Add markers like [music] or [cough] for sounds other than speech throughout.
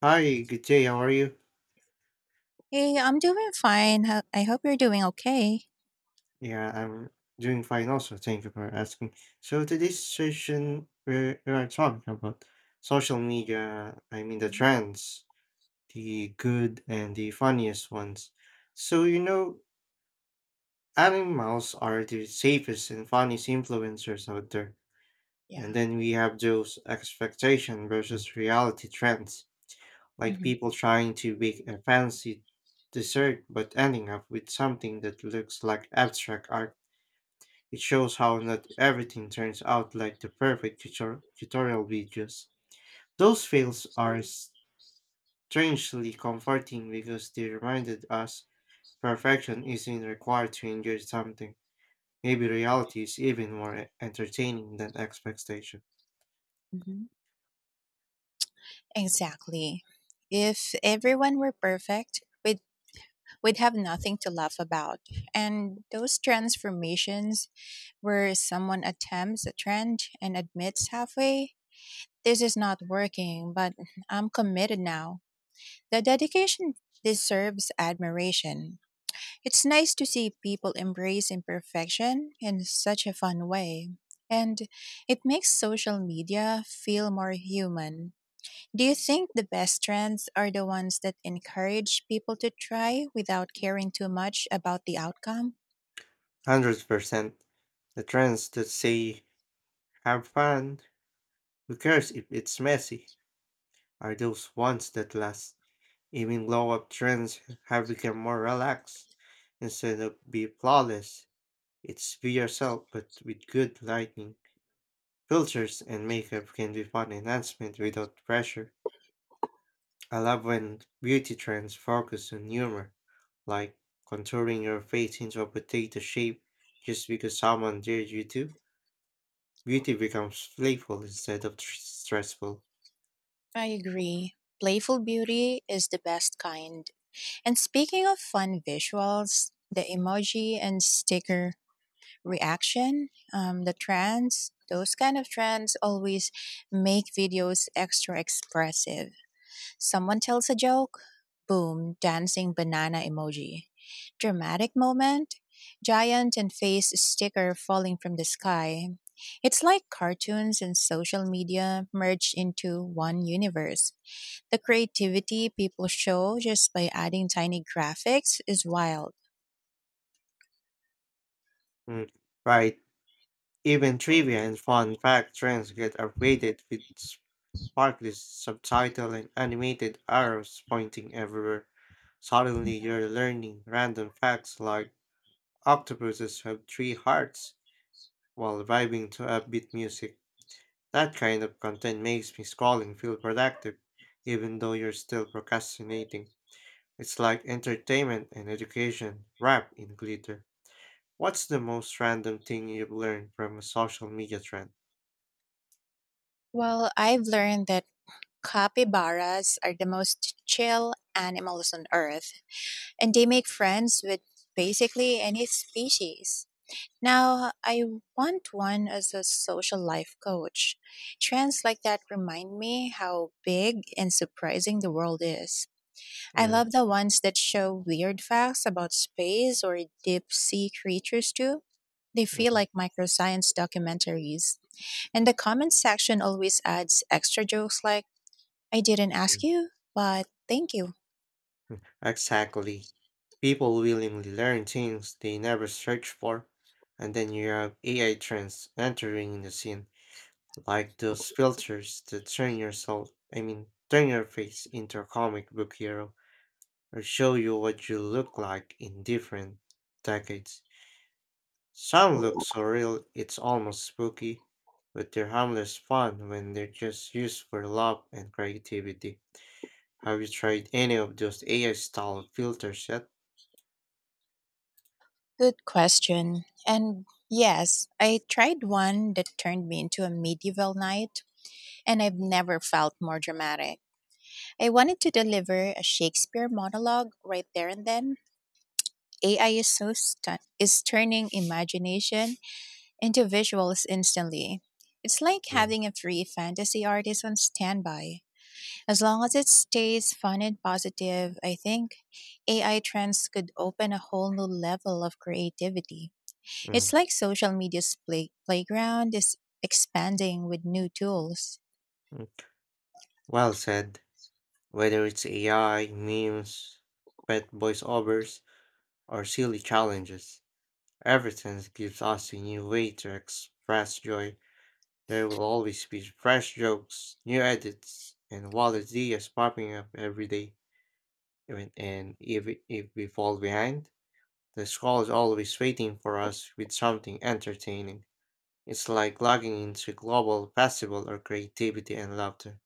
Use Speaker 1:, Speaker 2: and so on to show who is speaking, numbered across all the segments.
Speaker 1: Hi, good day. How are you?
Speaker 2: Hey, I'm doing fine. I hope you're doing okay.
Speaker 1: Yeah, I'm doing fine also. Thank you for asking. So today's session, we are talking about social media. I mean the
Speaker 2: hmm
Speaker 1: trends, the good and the funniest ones. So you know, Animals are the safest and funniest influencers out there. And
Speaker 2: Yeah.
Speaker 1: then we have those expectation versus reality trends, like
Speaker 2: hmm
Speaker 1: people trying to make a fancy dessert but ending up with something that looks like abstract art. It shows how not everything turns out like the perfect tutorial videos. Those fails are strangely comforting because they reminded us perfection isn't required to enjoy something. Maybe reality is even more entertaining than expectation.
Speaker 2: hmm exactly. If everyone were perfect, we'd have nothing to laugh about. And those transformations where someone attempts a trend and admits halfway, this is not working, but I'm committed now. The dedication deserves admiration. It's nice to see people embrace imperfection in such a fun way, and it makes social media feel more human. Do you think the best trends are the ones that encourage people to try without caring too much about the outcome?
Speaker 1: 100%. The trends that say, have fun, who cares if it's messy, are those ones that last. Even glow up trends have become more relaxed instead of be flawless. It's be yourself, but with good lighting, filters, and makeup can be fun enhancement without pressure. I love when beauty trends focus on humor, like contouring your face into a potato shape just because someone dared you to. Beauty becomes playful instead of stressful.
Speaker 2: I agree. Playful beauty is the best kind. And speaking of fun visuals, the emoji and sticker reaction, the trends, those kind of trends always make videos extra expressive. Someone tells a joke, boom, dancing banana emoji. Dramatic moment, giant and face sticker falling from the sky. It's like cartoons and social media merged into one universe. The creativity people show just by adding tiny graphics is wild.
Speaker 1: Mm, right, even trivia and fun fact trends get upgraded with sparkly subtitle and animated arrows pointing everywhere. Suddenly you're learning random facts like octopuses have three hearts while vibing to upbeat music. That kind of content makes me scrolling feel productive, even though you're still procrastinating. It's like entertainment and education wrapped in glitter. What's the most random thing you've learned from a social media trend?
Speaker 2: Well, I've learned that Capybaras are the most chill animals on earth, and they make friends with basically any species. Now, I want one as a social life coach. Trends like that remind me how big and surprising the world is. I
Speaker 1: Mm,
Speaker 2: love the ones that show weird facts about space or deep sea creatures, too. They
Speaker 1: mm,
Speaker 2: feel
Speaker 1: mm.
Speaker 2: like microscience documentaries. And the comment section always adds extra jokes like, I didn't ask you, but thank you.
Speaker 1: Exactly. People willingly learn things they never searched for, and then you have AI trends entering the scene, like those filters that turn your face into a comic book hero, or show you what you look like in different decades. Some look so real it's almost spooky, but they're harmless fun when they're just used for love and creativity. Have you tried any of those AI style filters yet?
Speaker 2: Good question. And yes, I tried one that turned me into a medieval knight, and I've never felt more dramatic. I wanted to deliver a Shakespeare monologue right there and then. AI is turning imagination into visuals instantly. It's like
Speaker 1: Mm,
Speaker 2: having a free fantasy artist on standby. As long as it stays fun and positive, I think AI trends could open a whole new level of creativity.
Speaker 1: mm.
Speaker 2: It's like social playground is expanding with new tools.
Speaker 1: Mm, Well said. Whether it's AI, memes, pet voiceovers, or silly challenges, everything gives us a new way to express joy. There will always be fresh jokes, new edits, and wild ideas popping up every day. Even and if we fall behind, the scroll is always waiting for us with something entertaining. It's like logging into global festival of creativity and laughter.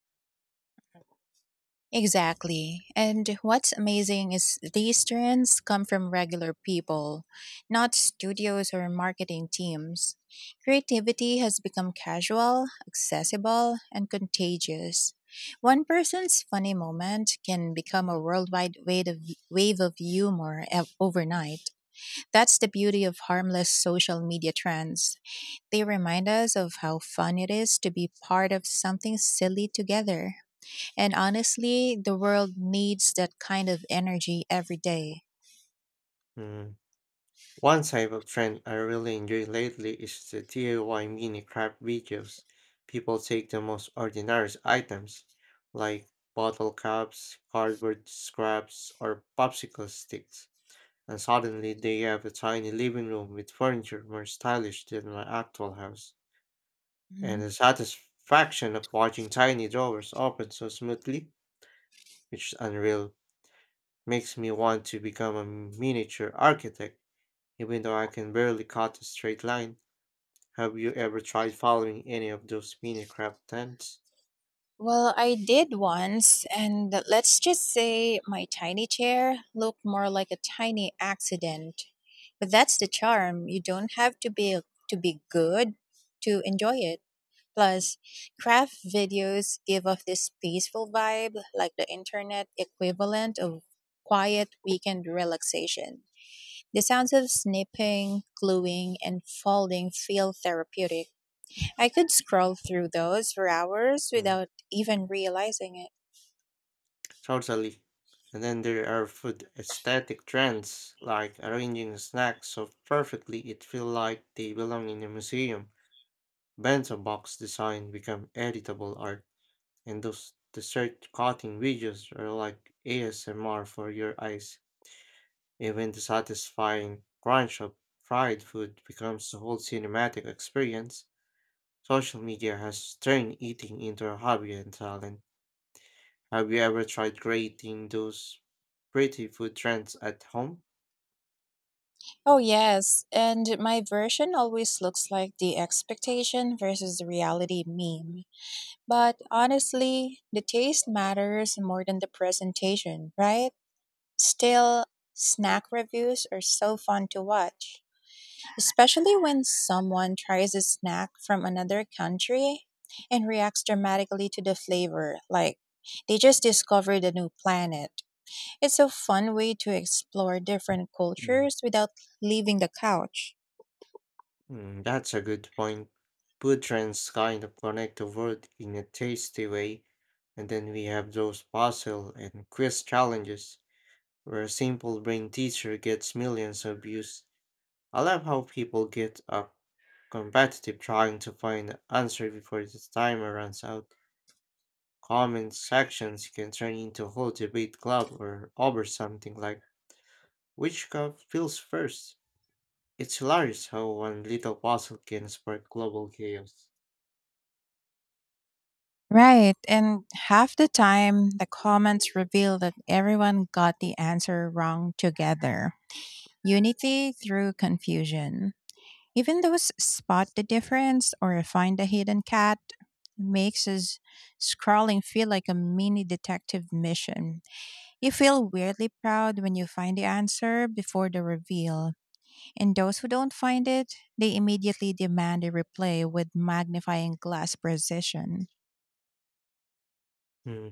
Speaker 2: Exactly. And what's amazing is these trends come from regular people, not studios or marketing teams. Creativity has become casual, accessible, and contagious. One person's funny moment can become a worldwide wave of overnight. That's the beauty of harmless social media trends. They remind us of how fun it is to be part of something silly together. And honestly, the world needs that kind of energy every day.
Speaker 1: Mm. One type of trend I really enjoy lately is the DIY mini craft videos. People take the most ordinary items, like bottle caps, cardboard scraps, or popsicle sticks, and suddenly they have a tiny living room with furniture more stylish than my actual house. And
Speaker 2: Mhm.
Speaker 1: the satisfaction of watching tiny drawers open so smoothly, which is unreal, makes me want to become a miniature architect, even though I can barely cut a straight line. Have you ever tried following any of those mini craft trends?
Speaker 2: Well, I did once, and let's just say my tiny chair looked more like a tiny accident. But that's the charm. You don't have to be good to enjoy it. Plus, craft videos give off this peaceful vibe, like the internet equivalent of quiet weekend relaxation. The sounds of snipping, gluing, and folding feel therapeutic. I could scroll through those for hours
Speaker 1: Mm,
Speaker 2: without even realizing it.
Speaker 1: totally. And then there are food aesthetic trends, like arranging snacks so perfectly it feels like they belong in a museum. Bento box design become editable art, and those dessert cutting videos are like ASMR for your eyes. Even the satisfying crunch of fried food becomes a whole cinematic experience. Social media has turned eating into a hobby and talent. Have you ever tried creating those pretty food trends at home?
Speaker 2: Oh, yes, and my version always looks like the expectation versus the reality meme. But honestly, the taste matters more than the presentation, right? Still, snack reviews are so fun to watch, especially when someone tries a snack from another country and reacts dramatically to the flavor, like they just discovered a new planet. It's a fun way to explore different
Speaker 1: Mm,
Speaker 2: cultures without leaving the couch.
Speaker 1: mm, that's a good point. Food trends kind of connect the world in a tasty way, and then we have those puzzle and quiz challenges where a simple brain teaser gets millions of views. I love how people get up competitive trying to find an answer before the timer runs out. Comment sections can turn into a whole debate club or over something like which cup fills first. It's hilarious how one little puzzle can spark global chaos.
Speaker 2: Right, and half the time the comments reveal that everyone got the answer wrong together. Unity through confusion. Even those spot the difference or find the hidden cat makes us scrolling feel like a mini detective mission. You feel weirdly proud when you find the answer before the reveal. And those who don't find it, they immediately demand a replay with magnifying glass precision.
Speaker 1: Hmm.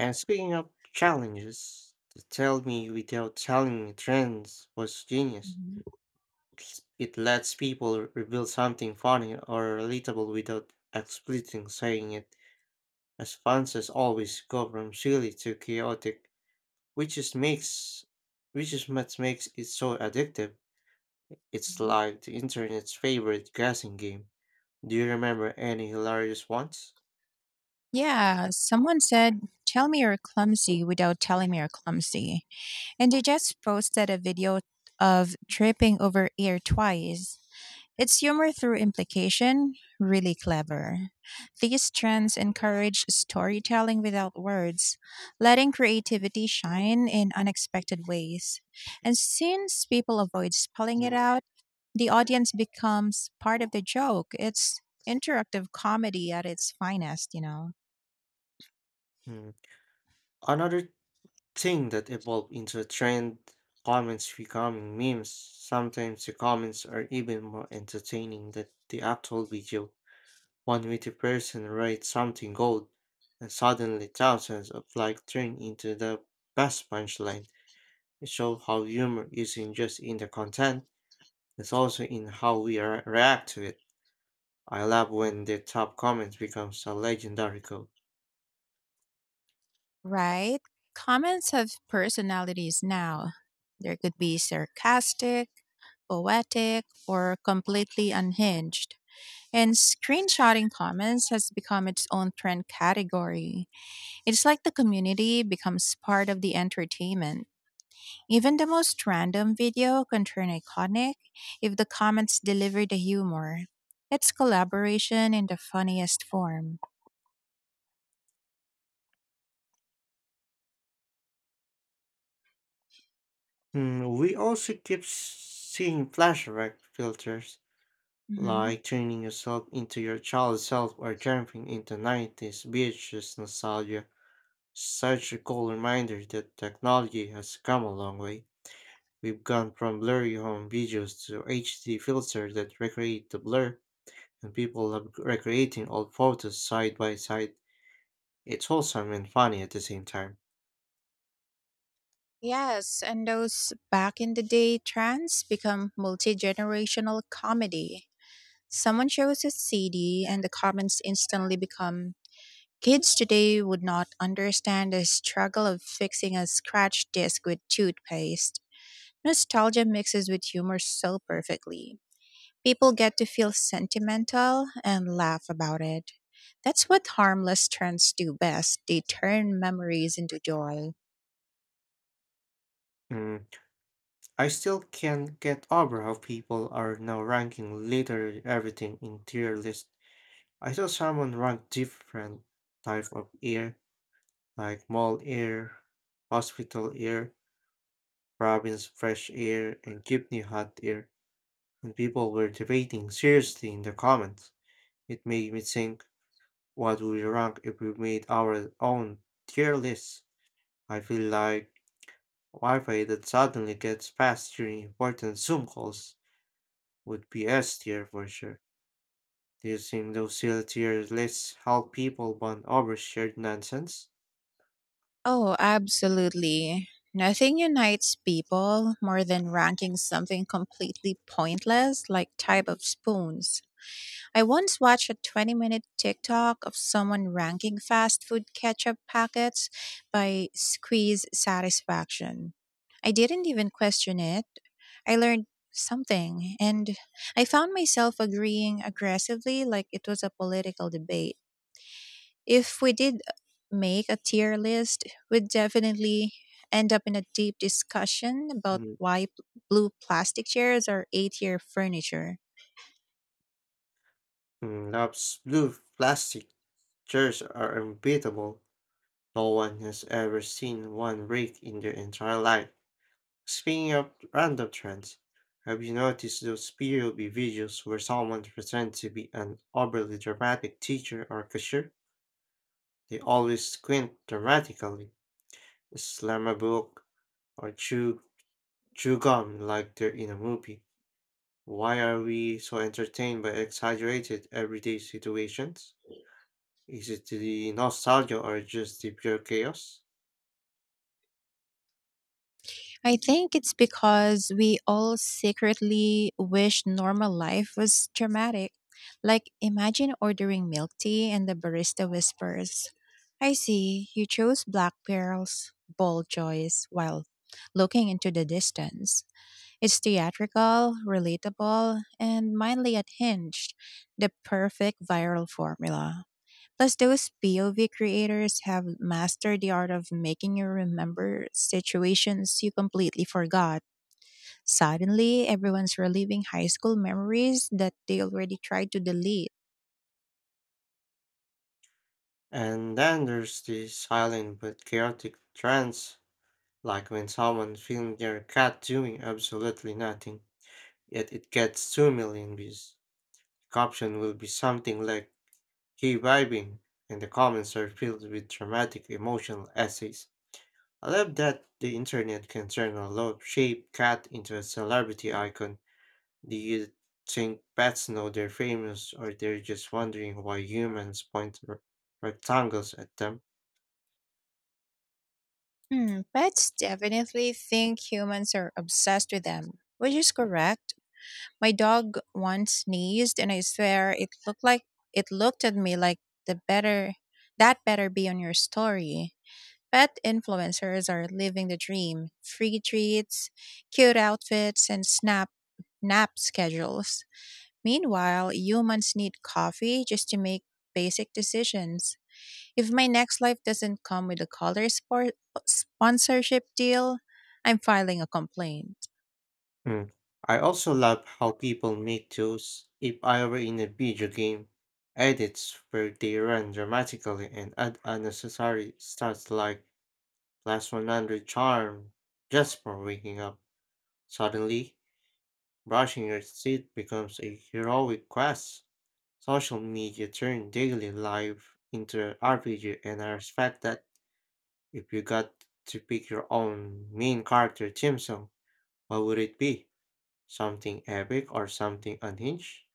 Speaker 1: And speaking of challenges, the tell me without telling me trends was genius. It lets people reveal something funny or relatable without explicitly saying it. As fans always go from silly to chaotic. Which is makes which is what makes it so addictive. It's
Speaker 2: Mhm.
Speaker 1: like the internet's favorite guessing game. Do you remember any hilarious ones?
Speaker 2: Yeah, someone said, tell me you're clumsy without telling me you're clumsy. And they just posted a video of tripping over air twice. It's humor through implication, really clever. These trends encourage storytelling without words, letting creativity shine in unexpected ways. And since people avoid spelling it
Speaker 1: Mm,
Speaker 2: out, the audience becomes part of the joke. It's Interactive comedy at its finest,
Speaker 1: mm. Another thing that evolved into a trend, comments becoming memes. Sometimes the comments are even more entertaining than the actual video. One witty person writes something gold, and suddenly thousands of likes turn into the best punchline. It shows how humor isn't just in the content. It's also in how we react to it. I love when the top comment becomes a legendary code.
Speaker 2: Right? Comments have personalities now. There could be sarcastic, poetic, or completely unhinged. And screenshotting comments has become its own trend category. It's like the community becomes part of the entertainment. Even the most random video can turn iconic if the comments deliver the humor. It's collaboration in the funniest form.
Speaker 1: Hmm, we also keep seeing flashback filters,
Speaker 2: Mm-hmm.
Speaker 1: like turning yourself into your child self or jumping into 90s beaches nostalgia. Such a cool reminder that technology has come a long way. We've gone from blurry home videos to HD filters that recreate the blur, and people love recreating old photos side by side. It's wholesome and funny at the same time.
Speaker 2: Yes, and those back in the day trends become multi generational comedy. Someone shows a CD, and the comments instantly become kids today would not understand the struggle of fixing a scratched disc with toothpaste. Nostalgia mixes with humor so perfectly. People get to feel sentimental and laugh about it. That's what harmless trends do best. They turn memories into joy.
Speaker 1: Mm, I still can't get over how people are now ranking literally everything in tier list. I saw someone rank different type of air, like mall air, hospital air, province fresh air, and Gibney hot air, and people were debating seriously in the comments. It made me think, what would we rank if we made our own tier list? I feel like Wi-Fi that suddenly gets fast during important Zoom calls would be S tier for sure. Do you think those C L tier lists help people bond over shared nonsense?
Speaker 2: Oh, absolutely. Nothing unites people more than ranking something completely pointless like type of spoons. I once watched a 20-minute minute TikTok of someone ranking fast food ketchup packets by squeeze satisfaction. I didn't even question it. I learned something and I found myself agreeing aggressively like it was a political debate. If we did make a tier list, we'd definitely end up in a deep discussion about
Speaker 1: Mm,
Speaker 2: why blue plastic chairs are A tier furniture.
Speaker 1: mm, Lab's blue plastic chairs are unbeatable. No one has ever seen one break in their entire life. Speaking of random trends, have you noticed those POV videos where someone pretends to be an overly dramatic teacher or cashier? They always squint dramatically slam a book, or chew gum like they're in a movie. Why are we so entertained by exaggerated everyday situations? Is it the nostalgia or just the pure chaos?
Speaker 2: I think it's because we all secretly wish normal life was dramatic. Like, imagine ordering milk tea and the barista whispers, I see, you chose black pearls, bold choice, while looking into the distance. It's theatrical, relatable, and mildly unhinged, the perfect viral formula. Plus, those POV creators have mastered the art of making you remember situations you completely forgot. Suddenly, everyone's reliving high school memories that they already tried to delete.
Speaker 1: And then there's the silent but chaotic trance, like when someone filmed their cat doing absolutely nothing, yet it gets 2 million views. The caption will be something like, he vibing, and the comments are filled with dramatic emotional essays. I love that the internet can turn a low shaped cat into a celebrity icon. Do you think pets know they're famous or they're just wondering why humans point rectangles at them?
Speaker 2: Hmm, pets definitely think humans are obsessed with them, which is correct. My dog once sneezed and I swear it looked at me like the better that better be on your story. Pet influencers are living the dream. Free treats, cute outfits, and snap nap schedules. Meanwhile, humans need coffee just to make basic decisions. If my next life doesn't come with a sponsorship deal, I'm filing a complaint.
Speaker 1: Hmm. I also love how people make those if I were in a video game edits where they run dramatically and add unnecessary stats like plus 100 charm just for waking up suddenly. Brushing your teeth becomes a heroic quest. Social media turned daily life into an RPG, and I respect that. If you got to pick your own main character theme song, what would it be? Something epic or something unhinged?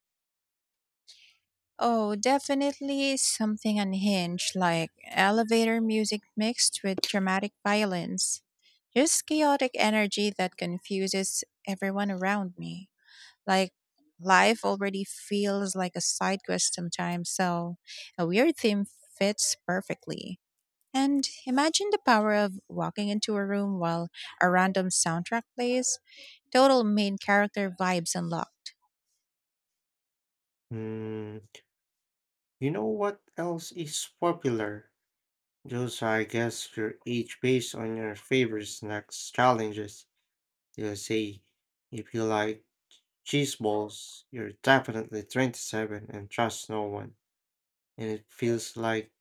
Speaker 2: Oh, definitely something unhinged, like elevator music mixed with dramatic violence. Just chaotic energy that confuses everyone around me. Like, life already feels like a side quest sometimes, so a weird theme fits perfectly. And imagine the power of walking into a room while a random soundtrack plays. Total main character vibes unlocked.
Speaker 1: Hmm, you know what else is popular? Those are, I guess, your age based on your favorite snacks challenges. They'll say if you like Cheese balls, you're definitely 27 and trust no one, and it feels like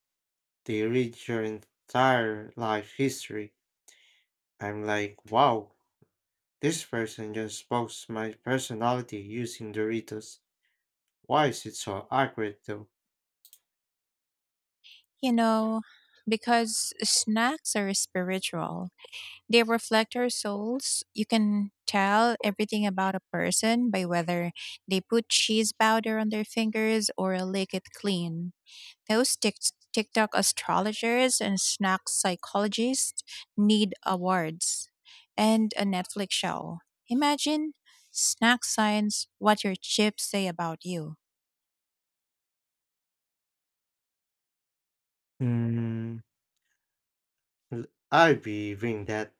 Speaker 1: they read your entire life history. I'm like, wow, this person just spoke my personality using Doritos. Why is it so accurate though?
Speaker 2: You know, because snacks are spiritual. They reflect our souls. You can tell everything about a person by whether they put cheese powder on their fingers or lick it clean. Those TikTok astrologers and snack psychologists need awards and a Netflix show. Imagine snack science, what your chips say about you.
Speaker 1: Mm, l- I'd be doing that.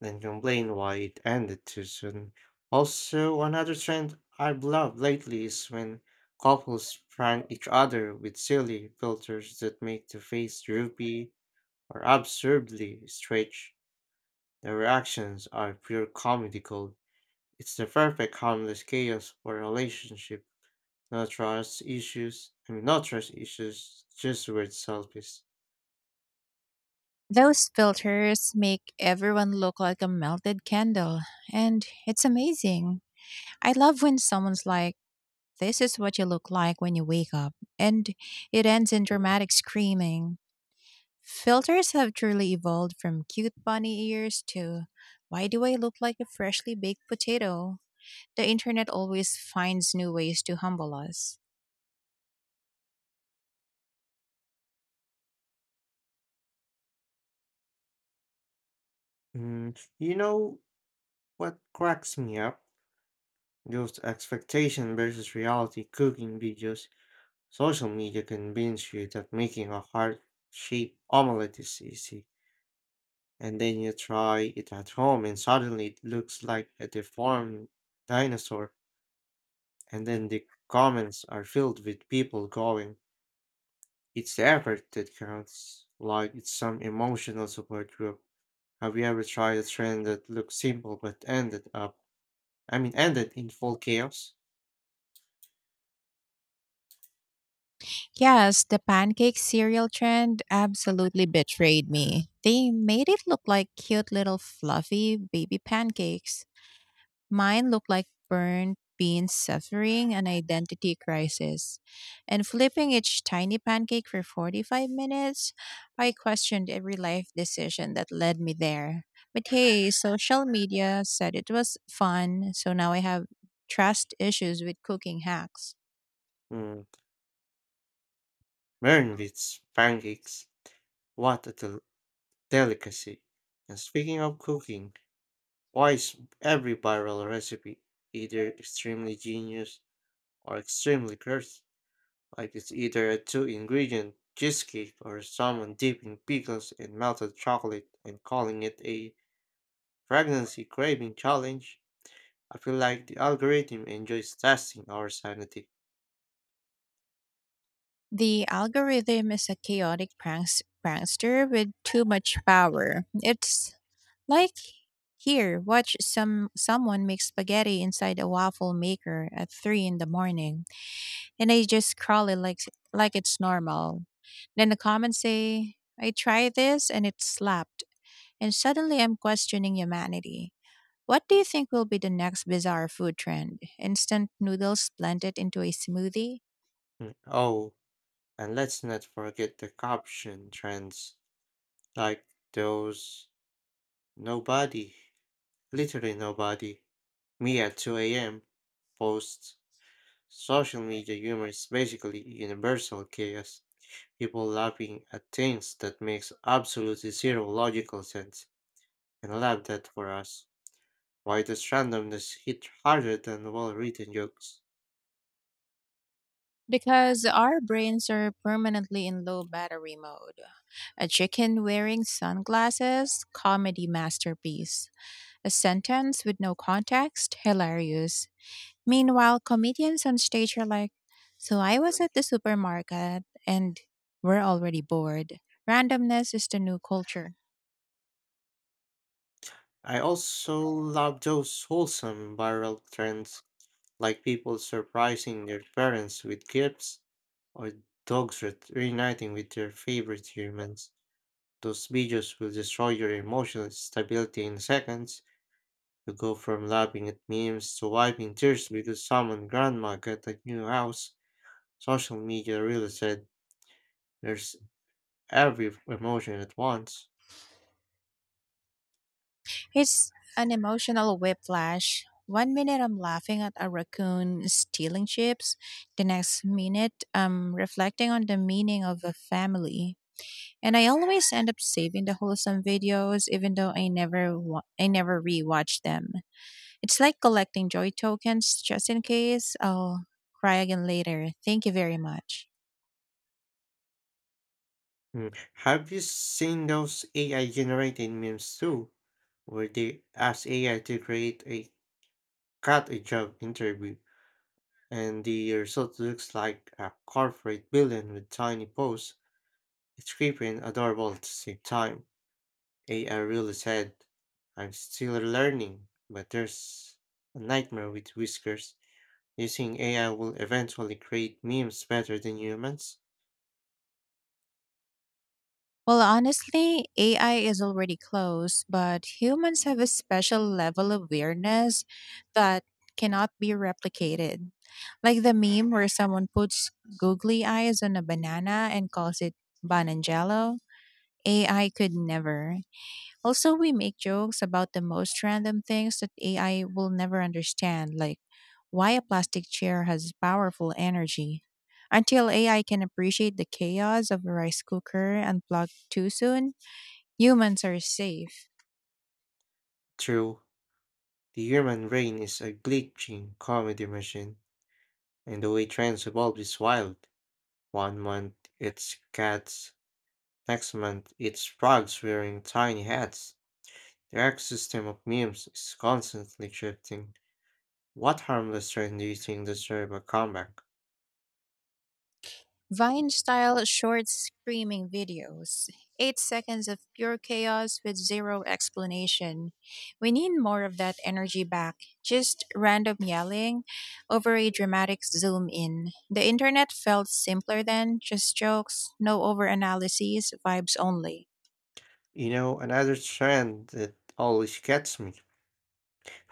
Speaker 1: Then complain why it ended too soon. Also, another trend I've loved lately is when couples prank each other with silly filters that make the face droopy or absurdly stretched. The reactions are pure comedy gold. It's the perfect harmless chaos for a relationship. No trust issues. I mean, No trust issues. Just weird selfies.
Speaker 2: Those filters make everyone look like a melted candle, and it's amazing. I love when someone's like, this is what you look like when you wake up. And it ends in
Speaker 1: Mm,
Speaker 2: dramatic screaming. Filters have truly evolved from cute bunny ears to why do I look like a freshly baked potato? The internet always finds new ways to humble us.
Speaker 1: You know what cracks me up? Those expectation versus reality cooking videos, social media convince you that making a heart shaped omelette is easy, and then you try it at home and suddenly it looks like a deformed dinosaur, and then the comments are filled with people going, it's the effort that counts, like it's some emotional support group. Have you ever tried a trend that looked simple but ended up, I mean, ended in full chaos?
Speaker 2: Yes, the pancake cereal trend absolutely betrayed me. They made it look like cute little fluffy baby pancakes. Mine looked like burnt beans suffering an identity crisis. And flipping each tiny pancake for 45 minutes, I questioned every life decision that led me there. But hey, social media said it was fun, so now I have trust issues with cooking hacks.
Speaker 1: Mm. Mern with pancakes. What a delicacy. And speaking of cooking, why is every viral recipe either extremely genius or extremely cursed? Like it's either a two ingredient cheesecake or someone dipping pickles in melted chocolate and calling it a pregnancy craving challenge. I feel like the algorithm enjoys testing our sanity.
Speaker 2: The algorithm is a prankster with too much power. It's like, here, watch someone make spaghetti inside a waffle maker at three in the morning, and I just crawl it like it's normal. Then the comments say, "I tried this and it slapped," and suddenly I'm questioning humanity. What do you think will be the next bizarre food trend? Instant noodles blended into a smoothie?
Speaker 1: Mm, oh, and let's not forget the caption trends, like those nobody. Literally nobody. Me at 2 a.m. posts. Social media humor is basically universal chaos. People laughing at things that makes absolutely zero logical sense, and love that for us. Why does randomness hit harder than well-written jokes?
Speaker 2: Because our brains are permanently in low battery mode. A chicken wearing sunglasses comedy masterpiece. A sentence with no context? Hilarious. Meanwhile, comedians on stage are like, so I was at the supermarket and we're already bored. Randomness is the new culture.
Speaker 1: I also love those wholesome viral trends, like people surprising their parents with gifts or dogs reuniting with their favorite humans. Those videos will destroy your emotional stability in seconds. You go from laughing at memes to wiping tears because someone grandma got a new house. Social media really said there's every emotion at once.
Speaker 2: It's an emotional whiplash. One minute I'm laughing at a raccoon stealing chips, the next minute I'm reflecting on the meaning of a family. And I always end up saving the wholesome videos even though I never wa- I never rewatch them. It's like collecting joy tokens just in case I'll cry again later. Thank you very much.
Speaker 1: Mm. Have you seen those AI generated memes too? Where they ask AI to create a cut a job interview and the result looks like a corporate villain with tiny paws. It's creepy and adorable at the same time. AI really said, I'm still learning, but there's a nightmare with whiskers. Do you think AI will eventually create memes better than humans?
Speaker 2: Well, honestly, AI is already close, but humans have a special level of weirdness that cannot be replicated. Like the meme where someone puts googly eyes on a banana and calls it bananjalo. AI could never. Also, we make jokes about the most random things that AI will never understand, like why a plastic chair has powerful energy. Until AI can appreciate the chaos of a rice cooker unplugged too soon, humans are safe.
Speaker 1: True, the human brain is a glitching comedy machine, and the way trends evolve is wild. 1 month it's cats, next month it's frogs wearing tiny hats. The ecosystem of memes is constantly shifting. What harmless trend do you think deserve a comeback?
Speaker 2: Vine style short screaming videos. 8 seconds of pure chaos with zero explanation. We need more of that energy back. Just random yelling over a dramatic zoom in. The internet felt simpler then, just jokes, no over analyses, vibes only.
Speaker 1: You know, another trend that always gets me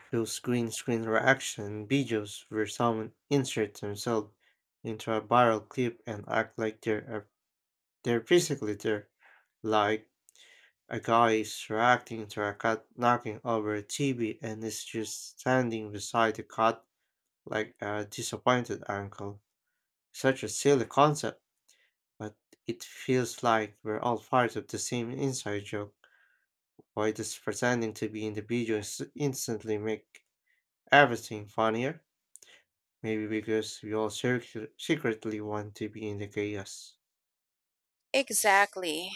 Speaker 1: those green screen reaction videos where someone inserts themselves into a viral clip and act like they're physically there, like a guy is reacting to a cat knocking over a TV and is just standing beside the cat like a disappointed uncle. Such a silly concept, but it feels like we're all part of the same inside joke. Why does pretending to be individuals instantly make everything funnier? Maybe because we all secretly want to be in the chaos.
Speaker 2: Exactly.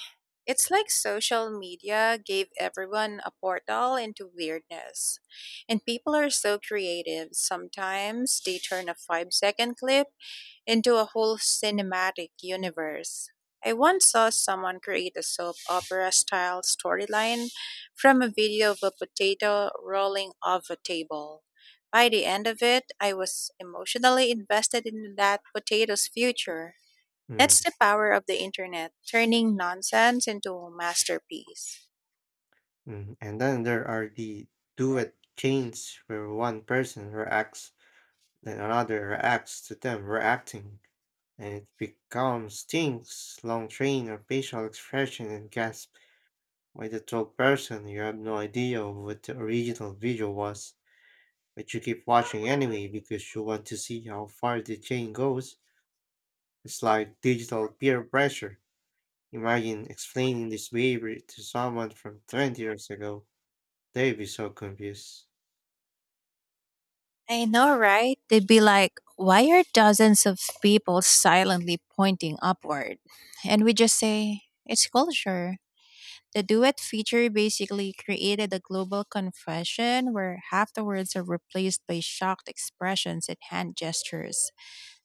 Speaker 2: It's like social media gave everyone a portal into weirdness. And people are so creative. Sometimes they turn a 5-second clip into a whole cinematic universe. I once saw someone create a soap opera style storyline from a video of a potato rolling off a table. By the end of it, I was emotionally invested in that potato's future.
Speaker 1: Mm,
Speaker 2: That's the power of the internet, turning nonsense into a masterpiece.
Speaker 1: mm. And then there are the duet chains where one person reacts, then another reacts to them reacting, and it becomes things, long train of facial expression and gasp. By the third person, you have no idea what the original video was. But you keep watching anyway because you want to see how far the chain goes. It's like digital peer pressure. Imagine explaining this behavior to someone from 20 years ago. They'd be so confused.
Speaker 2: I know, right? They'd be like, why are dozens of people silently pointing upward? And we just say, it's culture. The duet feature basically created a global confession where half the words are replaced by shocked expressions and hand gestures.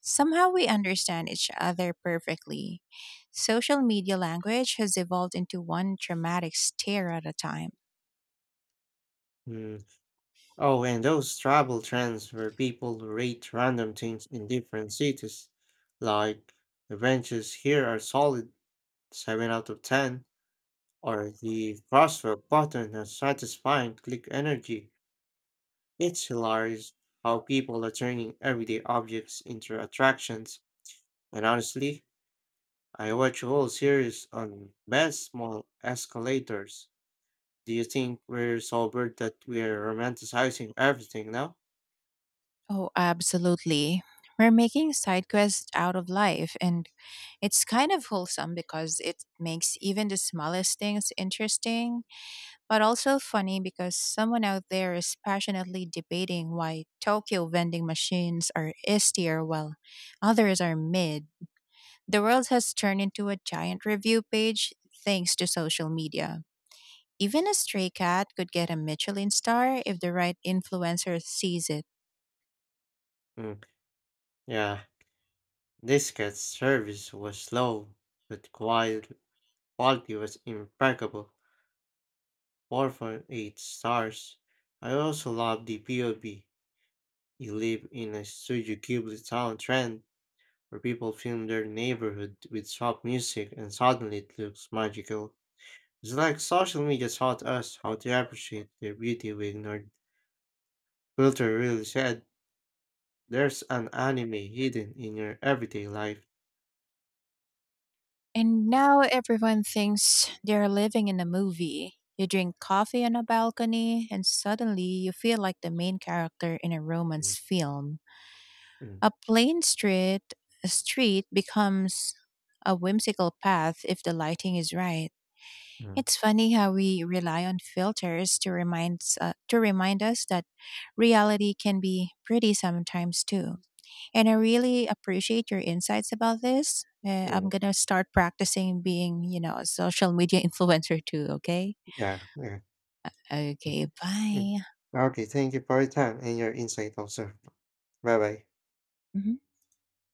Speaker 2: Somehow we understand each other perfectly. Social media language has evolved into one dramatic stare at a time.
Speaker 1: Hmm. Oh, and those travel trends where people rate random things in different cities. Like, the benches here are solid 7 out of 10, or the crosswalk button has satisfying click energy. It's hilarious how people are turning everyday objects into attractions, and honestly, I watch a whole series on best small escalators. Do you think we're so bored that we're romanticizing everything now?
Speaker 2: Oh, absolutely. We're making side quests out of life, and it's kind of wholesome because it makes even the smallest things interesting, but also funny because someone out there is passionately debating why Tokyo vending machines are S tier while others are mid. The world has turned into a giant review page thanks to social media. Even a stray cat could get a Michelin star if the right influencer sees it.
Speaker 1: Mm, yeah, this cat's service was slow, but quiet quality was impeccable. 4.8 stars. I also love the POV. You live in a Studio Ghibli town trend where people film their neighborhood with soft music and suddenly it looks magical. It's like social media taught us how to appreciate the beauty we ignored. Coulter really said, there's an anime hidden in your everyday life.
Speaker 2: And now everyone thinks they're living in a movie. You drink coffee on a balcony, and suddenly you feel like the main character in a
Speaker 1: Mm,
Speaker 2: romance film.
Speaker 1: mm,
Speaker 2: A plain street, a street becomes a whimsical path if the lighting is right.
Speaker 1: mm,
Speaker 2: It's funny how we rely on filters to remind us that reality can be pretty sometimes too. And I really appreciate your insights about this. I'm
Speaker 1: mm.
Speaker 2: going to start practicing being, you know, a social media [laughs] influencer too, okay?
Speaker 1: Yeah, yeah.
Speaker 2: Okay,
Speaker 1: mm, mm.
Speaker 2: bye.
Speaker 1: Okay, thank you for your time and your insight also. Bye bye.
Speaker 2: Mhm.